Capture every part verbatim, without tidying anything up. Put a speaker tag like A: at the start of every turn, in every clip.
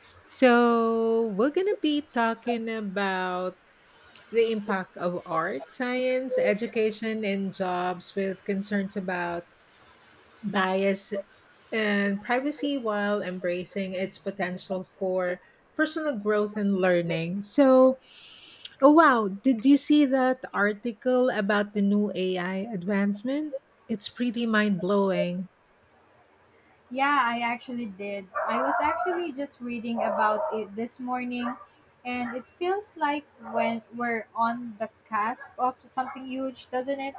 A: So, we're going to be talking about the impact of art, science, education, and jobs with concerns about bias and privacy while embracing its potential for personal growth and learning. So, oh wow, did you see that article about the new A I advancement? It's pretty mind blowing.
B: Yeah, I actually did. I was actually just reading about it this morning, and it feels like when we're on the cusp of something huge, doesn't it?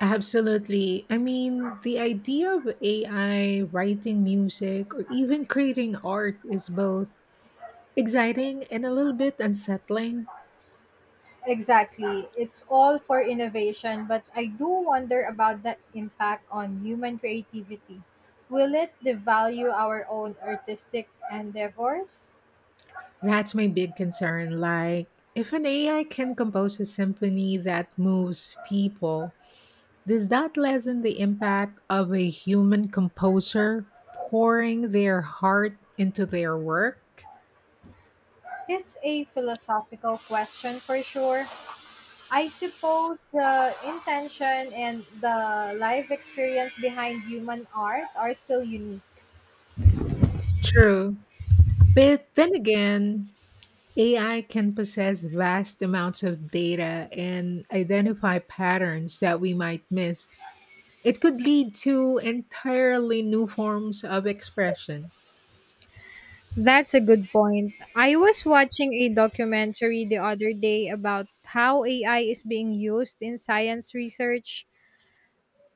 A: Absolutely. I mean, the idea of A I writing music or even creating art is both exciting and a little bit unsettling.
B: Exactly. It's all for innovation, but I do wonder about the impact on human creativity. Will it devalue our own artistic endeavors?
A: That's my big concern. Like, if an A I can compose a symphony that moves people, does that lessen the impact of a human composer pouring their heart into their work?
B: It's a philosophical question for sure. I suppose uh, intention and the life experience behind human art are still unique.
A: True. But then again, A I can possess vast amounts of data and identify patterns that we might miss. It could lead to entirely new forms of expression.
B: That's a good point. I was watching a documentary the other day about how A I is being used in science research.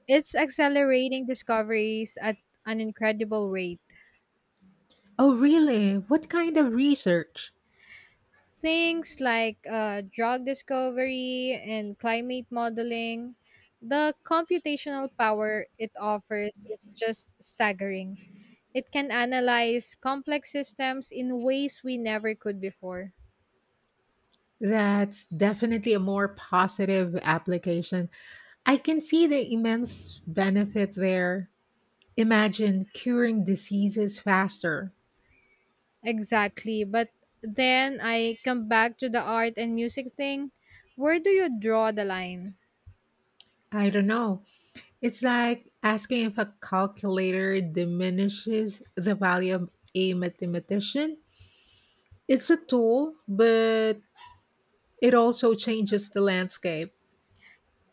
B: It's accelerating discoveries at an incredible rate.
A: Oh, really? What kind of research?
B: Things like uh, drug discovery and climate modeling, the computational power it offers is just staggering. It can analyze complex systems in ways we never could before.
A: That's definitely a more positive application. I can see the immense benefit there. Imagine curing diseases faster.
B: Exactly. But then I come back to the art and music thing. Where do you draw the line?
A: I don't know. It's like asking if a calculator diminishes the value of a mathematician. It's a tool, but it also changes the landscape.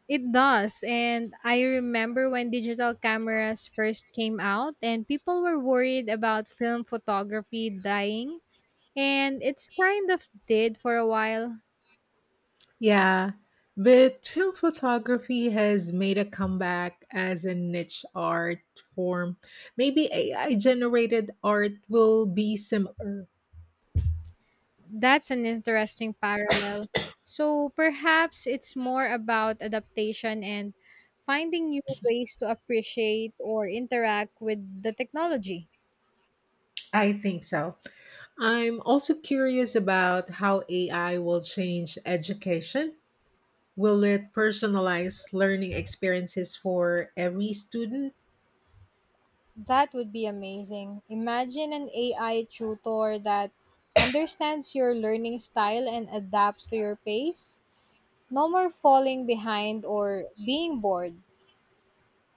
B: It does. And I remember when digital cameras first came out and people were worried about film photography dying. And it's kind of did for a while.
A: Yeah, but film photography has made a comeback as a niche art form. Maybe A I generated art will be similar.
B: That's an interesting parallel. So perhaps it's more about adaptation and finding new ways to appreciate or interact with the technology.
A: I think so. I'm also curious about how A I will change education. Will it personalize learning experiences for every student?
B: That would be amazing. Imagine an A I tutor that understands your learning style and adapts to your pace. No more falling behind or being bored.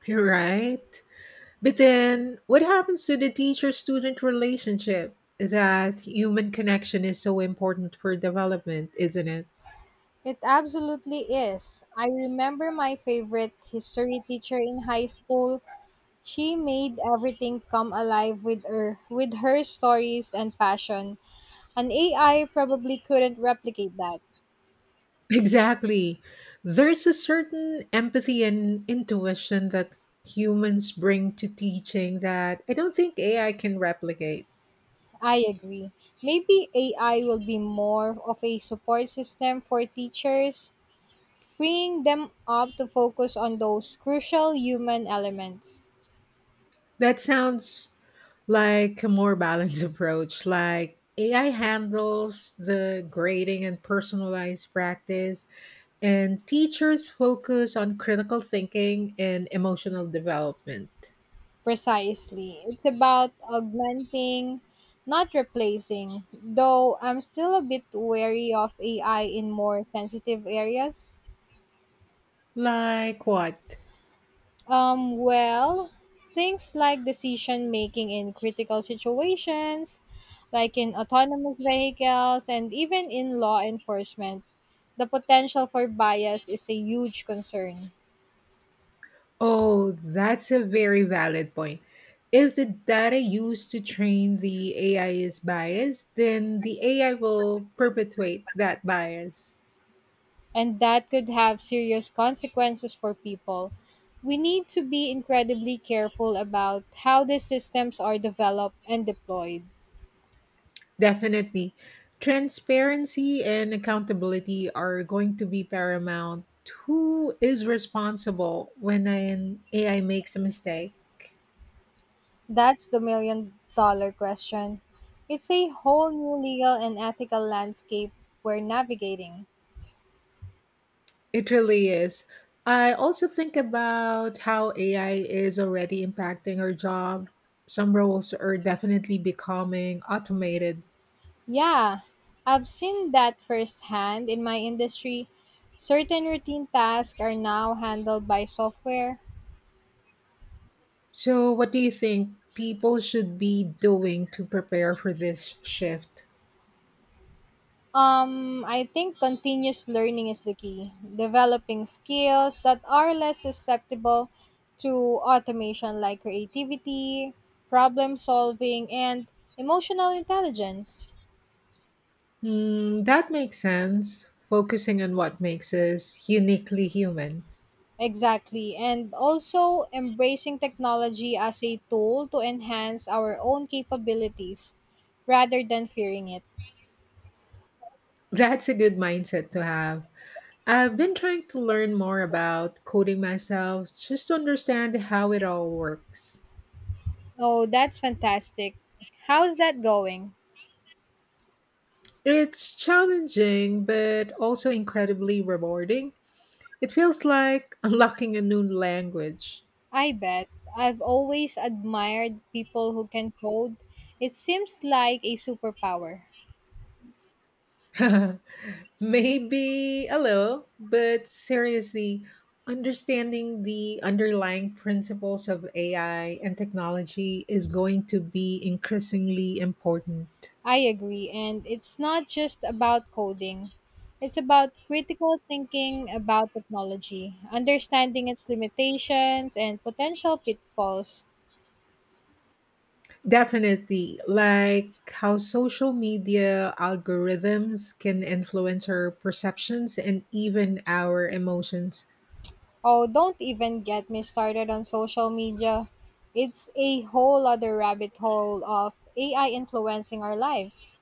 A: Right. But then what happens to the teacher student relationship? That human connection is so important for development, isn't it?
B: It absolutely is. I remember my favorite history teacher in high school. She made everything come alive with her with her stories and passion. An A I probably couldn't replicate that.
A: Exactly. There's a certain empathy and intuition that humans bring to teaching that I don't think A I can replicate.
B: I agree. Maybe A I will be more of a support system for teachers, freeing them up to focus on those crucial human elements.
A: That sounds like a more balanced approach. Like, A I handles the grading and personalized practice, and teachers focus on critical thinking and emotional development.
B: Precisely. It's about augmenting, not replacing, though I'm still a bit wary of A I in more sensitive areas.
A: Like what?
B: Um, well, things like decision making in critical situations, like in autonomous vehicles, and even in law enforcement, the potential for bias is a huge concern,
A: Oh, that's a very valid point. If the data used to train the A I is biased, then the A I will perpetuate that bias.
B: and that could have serious consequences for people. We need to be incredibly careful about how these systems are developed and deployed.
A: Definitely. Transparency and accountability are going to be paramount. Who is responsible when an A I makes a mistake?
B: That's the million dollar question. It's a whole new legal and ethical landscape we're navigating.
A: It really is. I also think about how A I is already impacting our job. Some roles are definitely becoming automated.
B: Yeah, I've seen that firsthand in my industry. Certain routine tasks are now handled by software.
A: So, what do you think people should be doing to prepare for this shift?
B: Um, I think continuous learning is the key. Developing skills that are less susceptible to automation, like creativity, problem solving, and emotional intelligence.
A: Mm, that makes sense. Focusing on what makes us uniquely human.
B: Exactly. And also embracing technology as a tool to enhance our own capabilities rather than fearing it.
A: That's a good mindset to have. I've been trying to learn more about coding myself, just to understand how it all works.
B: Oh, that's fantastic. How's that going?
A: It's challenging, but also incredibly rewarding. It feels like unlocking a new language.
B: I bet. I've always admired people who can code. It seems like a superpower.
A: Maybe a little, but seriously, understanding the underlying principles of A I and technology is going to be increasingly important.
B: I agree. And it's not just about coding, it's about critical thinking about technology, understanding its limitations and potential pitfalls.
A: Definitely, like how social media algorithms can influence our perceptions and even our emotions.
B: Oh, don't even get me started on social media. It's a whole other rabbit hole of A I influencing our lives.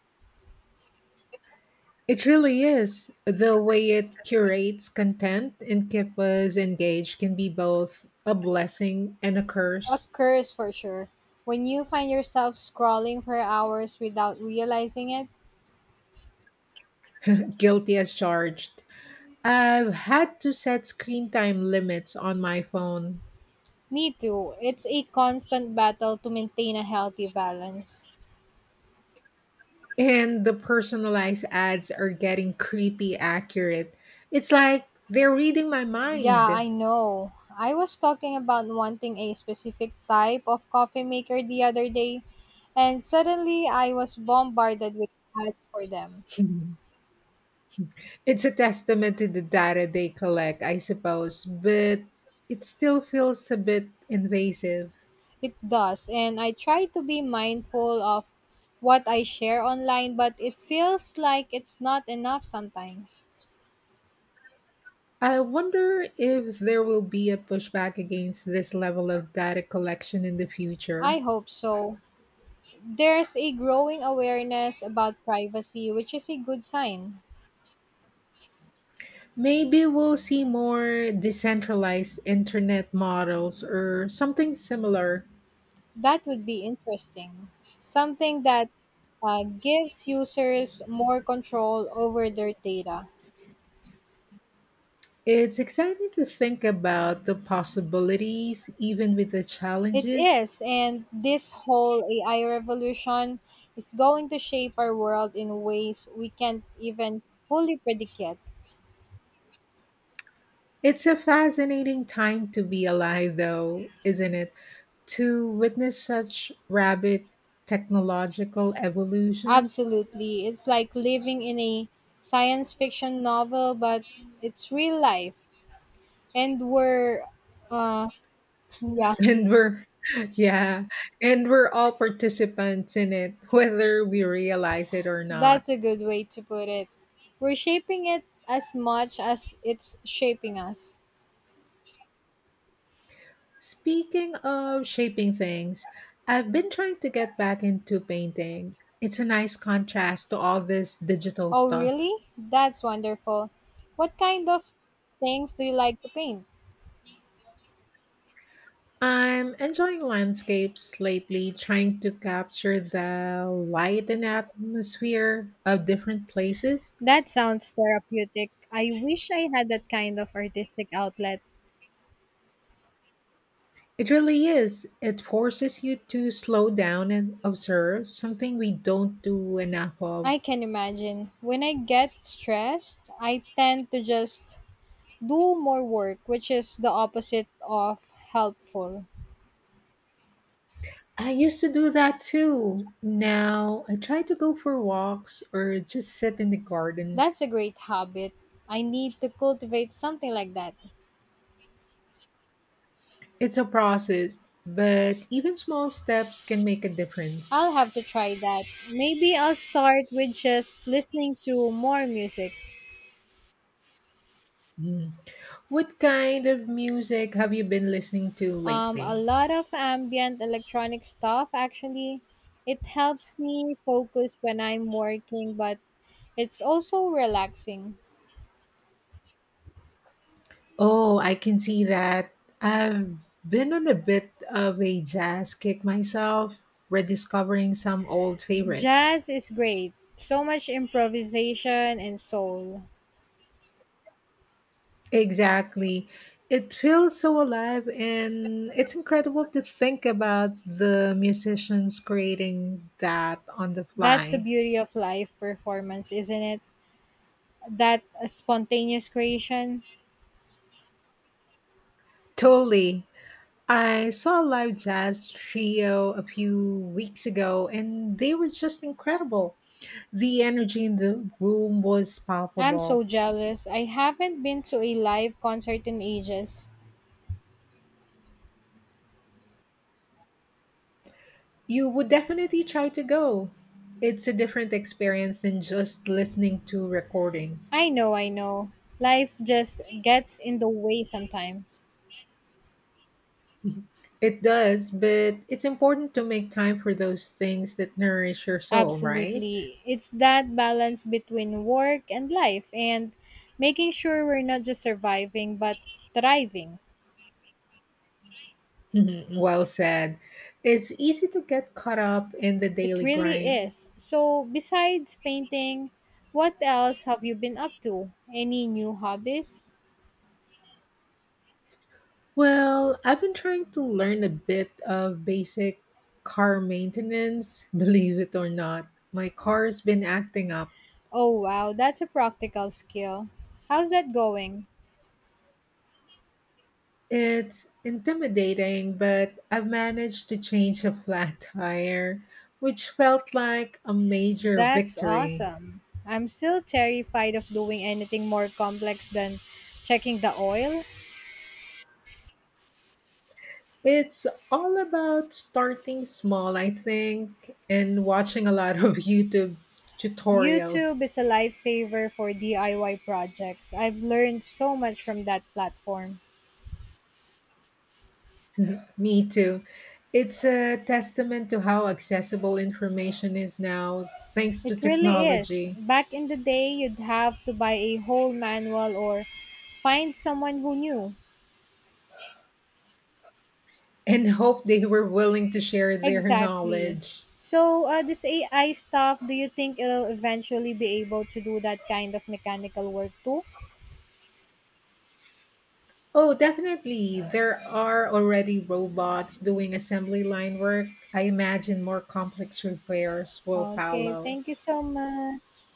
A: It really is. The way it curates content and keep us engaged can be both a blessing and a
B: A
A: curse.
B: curse for sure. When you find yourself scrolling for hours without realizing it,
A: Guilty as charged. I've had to set screen time limits on my phone,
B: me too. It's a constant battle to maintain a healthy balance.
A: and the personalized ads are getting creepy accurate. It's like they're reading my
B: Yeah,
A: mind.
B: I know. I was talking about wanting a specific type of coffee maker the other day, and suddenly I was bombarded with ads for them.
A: It's a testament to the data they collect, I suppose, but it still feels a bit invasive.
B: It does, and I try to be mindful of what I share online, but it feels like it's not enough sometimes.
A: I wonder if there will be a pushback against this level of data collection in the
B: I
A: future.
B: hope so. There's a growing awareness about privacy, which is a good sign.
A: Maybe we'll see more decentralized internet models or something similar.
B: That would be interesting. Something that uh, gives users more control over their data.
A: It's exciting to think about the possibilities, even with the
B: It
A: challenges.
B: is, and this whole A I revolution is going to shape our world in ways we can't even fully predict yet.
A: It's a fascinating time to be alive, though, isn't it? To witness such rapid technological evolution.
B: Absolutely. It's like living in a science fiction novel, but it's real life. And we're, uh, yeah,
A: and we're yeah and we're all participants in it, whether we realize it or not.
B: that's a good way to put it. We're shaping it as much as it's shaping us.
A: Speaking of shaping things, I've been trying to get back into painting. It's a nice contrast to all this digital
B: Oh,
A: stuff.
B: really? That's wonderful. What kind of things do you like to paint?
A: I'm enjoying landscapes lately, trying to capture the light and atmosphere of different places.
B: That sounds therapeutic. I wish I had that kind of artistic outlet.
A: It really is. It forces you to slow down and observe, something we don't do enough of.
B: I can imagine. When I get stressed, I tend to just do more work, which is the opposite of helpful.
A: I used to do that too. Now I try to go for walks or just sit in the garden.
B: That's a great habit. I need to cultivate something like that.
A: It's a process, but even small steps can make a difference.
B: I'll have to try that. Maybe I'll start with just listening to more music.
A: Mm. What kind of music have you been listening to
B: Um, a
A: lately?
B: lot of ambient electronic stuff actually, it helps me focus when I'm working, but it's also relaxing.
A: Oh, I can see that. I've been on a bit of a jazz kick myself, rediscovering some old favorites.
B: Jazz is great. So much improvisation and soul.
A: Exactly. It feels so alive, and it's incredible to think about the musicians creating that on the
B: That's the
A: fly.
B: beauty of live performance, isn't it? That spontaneous creation.
A: Totally. I saw a live jazz trio a few weeks ago, and they were just incredible. The energy in the room was
B: I'm
A: palpable.
B: so jealous. I haven't been to a live concert in ages.
A: You would definitely try to go. It's a different experience than just listening to recordings.
B: I know, I know. Life just gets in the way sometimes.
A: It does, but it's important to make time for those things that nourish your soul, right?
B: Absolutely. It's that balance between work and life and making sure we're not just surviving but thriving.
A: Well said. It's easy to get caught up in the
B: It
A: daily
B: really
A: grind.
B: is. So, besides painting, what else have you been up to? Any new hobbies?
A: Well, I've been trying to learn a bit of basic car maintenance, believe it or not. My car's been acting up.
B: Oh, wow, that's a practical skill. How's that going?
A: It's intimidating, but I've managed to change a flat tire, which felt like a major
B: That's
A: victory.
B: awesome. I'm still terrified of doing anything more complex than checking the oil.
A: It's all about starting small, I think, and watching a lot of YouTube tutorials.
B: YouTube is a lifesaver for D I Y projects. I've learned so much from that platform.
A: Mhm. Me too. It's a testament to how accessible information is now, thanks to
B: It really is.
A: technology,
B: Back in the day, you'd have to buy a whole manual or find someone who knew.
A: and hope they were willing to share their
B: Exactly.
A: knowledge.
B: So, uh, this A I stuff, do you think it'll eventually be able to do that kind of mechanical work too?
A: Oh, definitely. There are already robots doing assembly line work. I imagine more complex repairs will
B: Okay,
A: follow.
B: thank you so much.